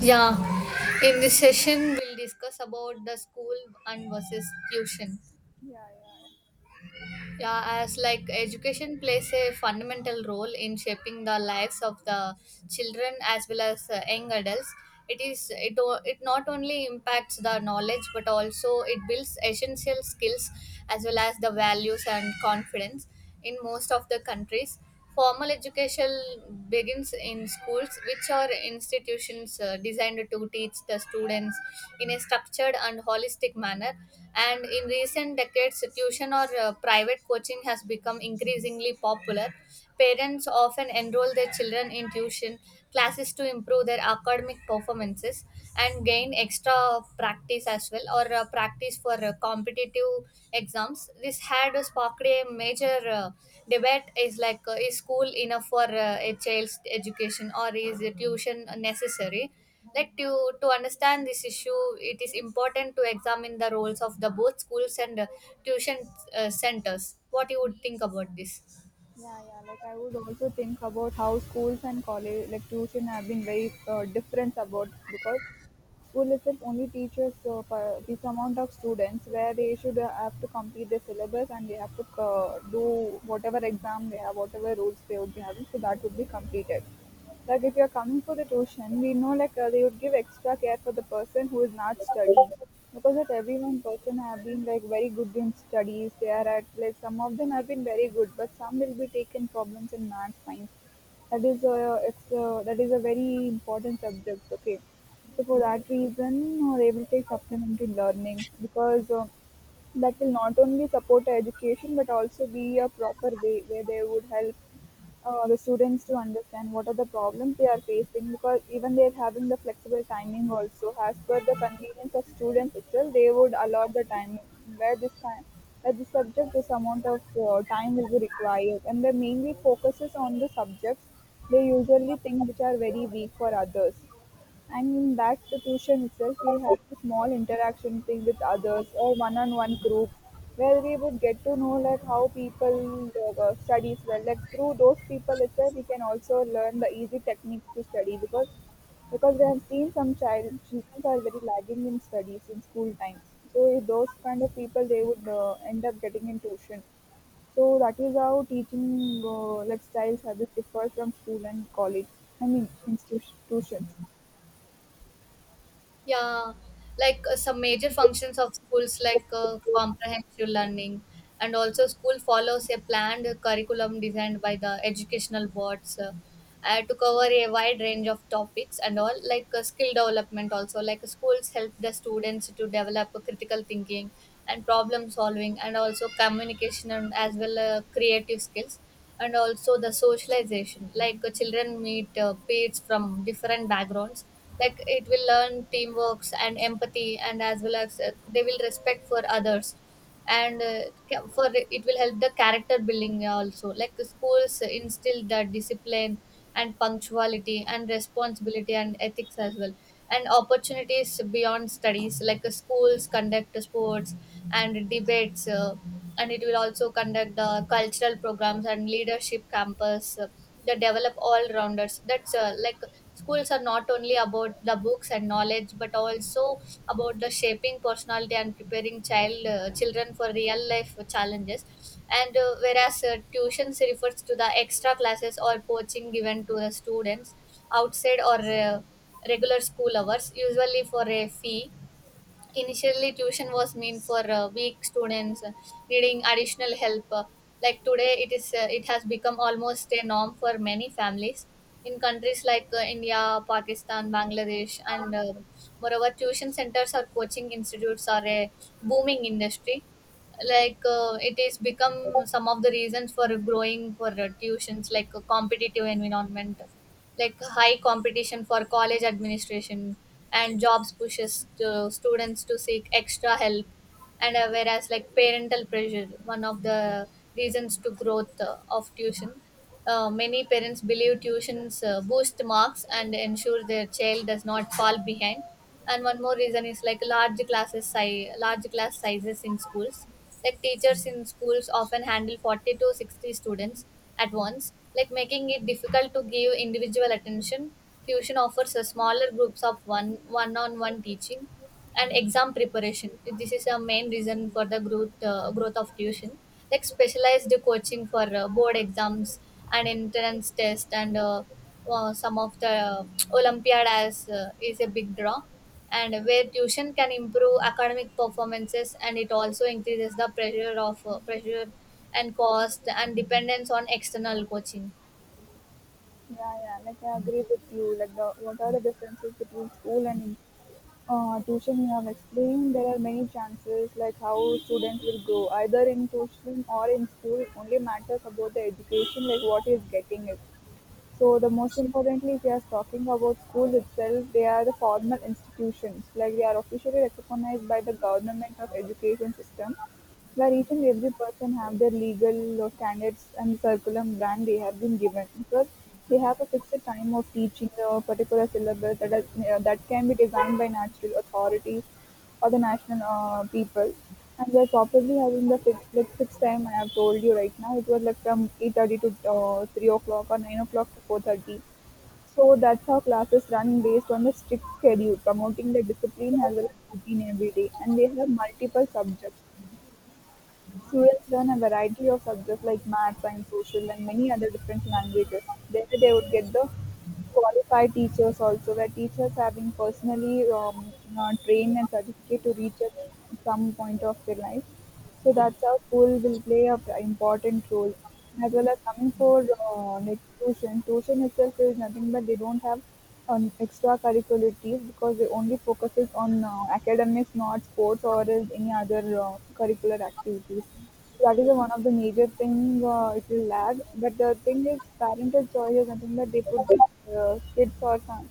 Yeah, in this session we'll discuss about the school and versus tuition. Yeah, yeah, Yeah, as like education plays a fundamental role in shaping the lives of the children as well as young adults. It is it o- it not only impacts the knowledge but also it builds essential skills as well as the values and confidence in most of the countries. Formal education begins in schools, which are institutions designed to teach the students in a structured and holistic manner. And in recent decades, tuition or private coaching has become increasingly popular. Parents often enroll their children in tuition classes to improve their academic performances and gain extra practice as well or practice for competitive exams. This had sparked a major debate is like, is school enough for a child's education, or is a tuition necessary? Like to understand this issue, it is important to examine the roles of the both schools and tuition centers. What you would think about this? yeah. Like I would also think about how schools and college, like tuition, have been very different about because school itself only teaches for this amount of students where they should have to complete their syllabus and they have to do whatever exam they have, whatever rules they would be having, so that would be completed. Like if you're coming for the tuition, we know like they would give extra care for the person who is not studying because not every one person have been like very good in studies. They are at like some of them have been very good, but some will be taken problems in math science. That is a very important subject. Okay, so for that reason, they will take supplementary learning because that will not only support education but also be a proper way where they would help the students to understand what are the problems they are facing, because even they're having the flexible timing also as per the convenience of students itself, they would allow the time where this time where the subject this amount of time will be required, and they mainly focuses on the subjects they usually think which are very weak for others. And in that situation itself, we had the small interaction thing with others or one-on-one group, where we would get to know like how people studies well. Like through those people itself, we can also learn the easy techniques to study because we have seen some children are very lagging in studies in school time. So if those kind of people, they would end up getting in tuition. So that is how teaching like styles have differ from school and college. I mean institutions. Yeah, like some major functions of schools, like Yeah, comprehensive learning, and also school follows a planned curriculum designed by the educational boards, to cover a wide range of topics and all, like skill development. Also, like schools help the students to develop a critical thinking and problem solving, and also communication and as well creative skills. And also the socialization, like children meet peers from different backgrounds, like it will learn teamworks and empathy and as well as they will respect for others and for it will help the character building also, like schools instill the discipline and punctuality and responsibility and ethics as well, and opportunities beyond studies like schools conduct sports and debates, and it will also conduct the cultural programs and leadership campus. They develop all rounders. That's like schools are not only about the books and knowledge but also about the shaping personality and preparing child children for real life challenges. And whereas tuitions refers to the extra classes or coaching given to the students outside or regular school hours, usually for a fee. Initially, tuition was meant for weak students needing additional help. Like today, it has become almost a norm for many families in countries like India, Pakistan, Bangladesh, and moreover, tuition centers or coaching institutes are a booming industry. Like it is become some of the reasons for growing for tuitions, like a competitive environment, like high competition for college administration and jobs pushes to students to seek extra help. And whereas like parental pressure, one of the reasons to growth of tuition, many parents believe tuitions boost marks and ensure their child does not fall behind. And one more reason is like large class sizes in schools, like teachers in schools often handle 40 to 60 students at once, like making it difficult to give individual attention. Tuition offers a smaller groups of one on one teaching and exam preparation. This is a main reason for the growth growth of tuition, like specialized coaching for board exams and entrance test, and some of the olympiad as is a big draw. And where tuition can improve academic performances, and it also increases the pressure of pressure and cost and dependence on external coaching. yeah. Like I agree with you. Like the what are the differences between school and tuition? You have explained there are many chances, like how students will grow either in tuition or in school. It only matters about the education, like what is getting it. So the most importantly, if you are talking about school itself, they are the formal institutions. Like they are officially recognized by the government of education system. Where each and every person have their legal or standards and curriculum plan they have been given, because they have a fixed time of teaching the particular syllabus that is, that can be designed by natural authorities or the national people. And they're probably having the fixed, like fixed time I have told you right now. It was like from 8:30 to 3 o'clock or 9 o'clock to 4:30. So that's how classes run based on the strict schedule, promoting the discipline as well as routine every day. And they have multiple subjects. Students learn a variety of subjects like math, science, social, and many other different languages. There they would get the qualified teachers also, where teachers have been personally trained and certificate to reach at some point of their life. So that's how school will play a important role. As well as coming for like tuition, tuition itself is nothing but they don't have extra curricularities, because they only focuses on academics, not sports or is any other curricular activities. So that is the one of the major thing, it will lag. But the thing is, parental choice is nothing but they put their kids or some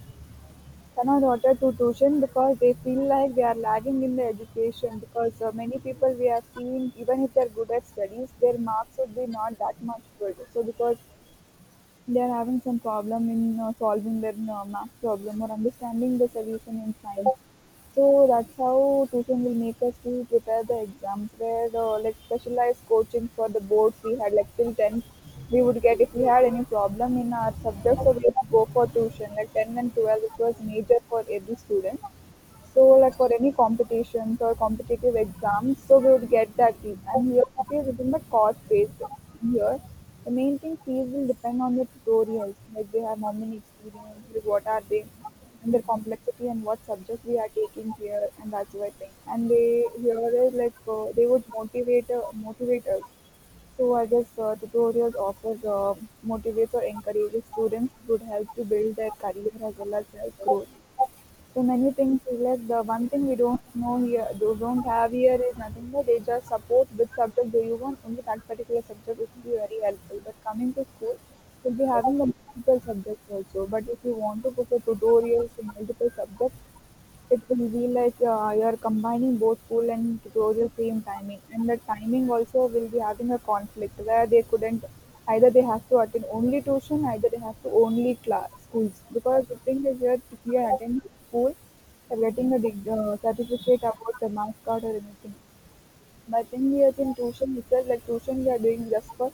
send our daughter to tuition because they feel like they are lagging in the education, because many people we have seen, even if they're good at studies, their marks would be not that much good, so because they're having some problem in solving their math problem or understanding the solution in science. So that's how tuition will make us to prepare the exams. Where like specialized coaching for the boards, we had like till tenth, we would get if we had any problem in our subject, so we would go for tuition. Like 10 and 12, it was major for every student. So like for any competitions or competitive exams, so we would get that fees. And here copy is within the cost based here. The main thing fees will depend on the tutorials, like they have how many experience, like what are they, and their complexity and what subject we are taking here, and that sort of thing. And they here is like they would motivate us. So I guess tutorials offers motivates or encourages students would help to build their career as well as their growth. So many things is like the one thing we don't know here, do don't have here is nothing but they just support which subject do you want, only that particular subject it will be very helpful. But coming to school, we'll be having the multiple subjects also. But if you want to go for tutorials in multiple subjects, it will be like you're combining both cool and tutorial same timing, and the timing also will be having a conflict where they couldn't either they have to attend only tuition either they have to only class schools, because the thing is that if you are attending school, you're getting a certificate about the marks card or anything, but in the I think tuition itself, like tuition, we are doing just for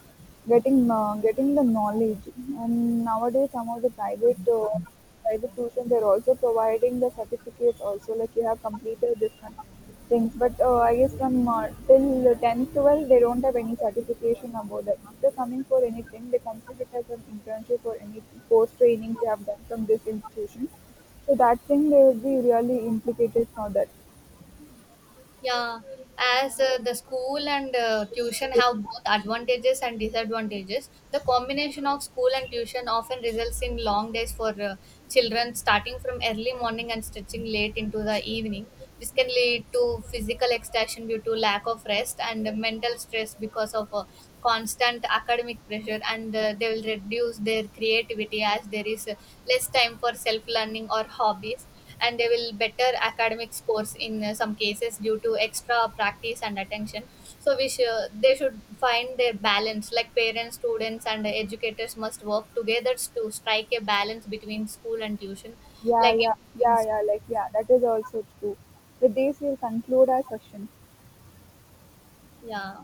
getting the knowledge. And nowadays, some of the private private tuition, they're also providing the certificates also, like you have completed this kind of things. But I guess from till 10th, 12th, they don't have any certification about that. After coming for anything, they consider it as an internship or any course training they have done from this institution. So that thing, they will be really implicated for that. Yeah, as the school and tuition have both advantages and disadvantages, the combination of school and tuition often results in long days for children, starting from early morning and stretching late into the evening. This can lead to physical exhaustion due to lack of rest and mental stress because of constant academic pressure, and they will reduce their creativity as there is less time for self learning or hobbies, and they will better academic scores in some cases due to extra practice and attention. So we should they should find their balance, like parents, students and educators must work together to strike a balance between school and tuition, Yeah, like yeah, improving yeah, yeah, schools. like, yeah, that is also true. With this, we'll conclude our session. Yeah.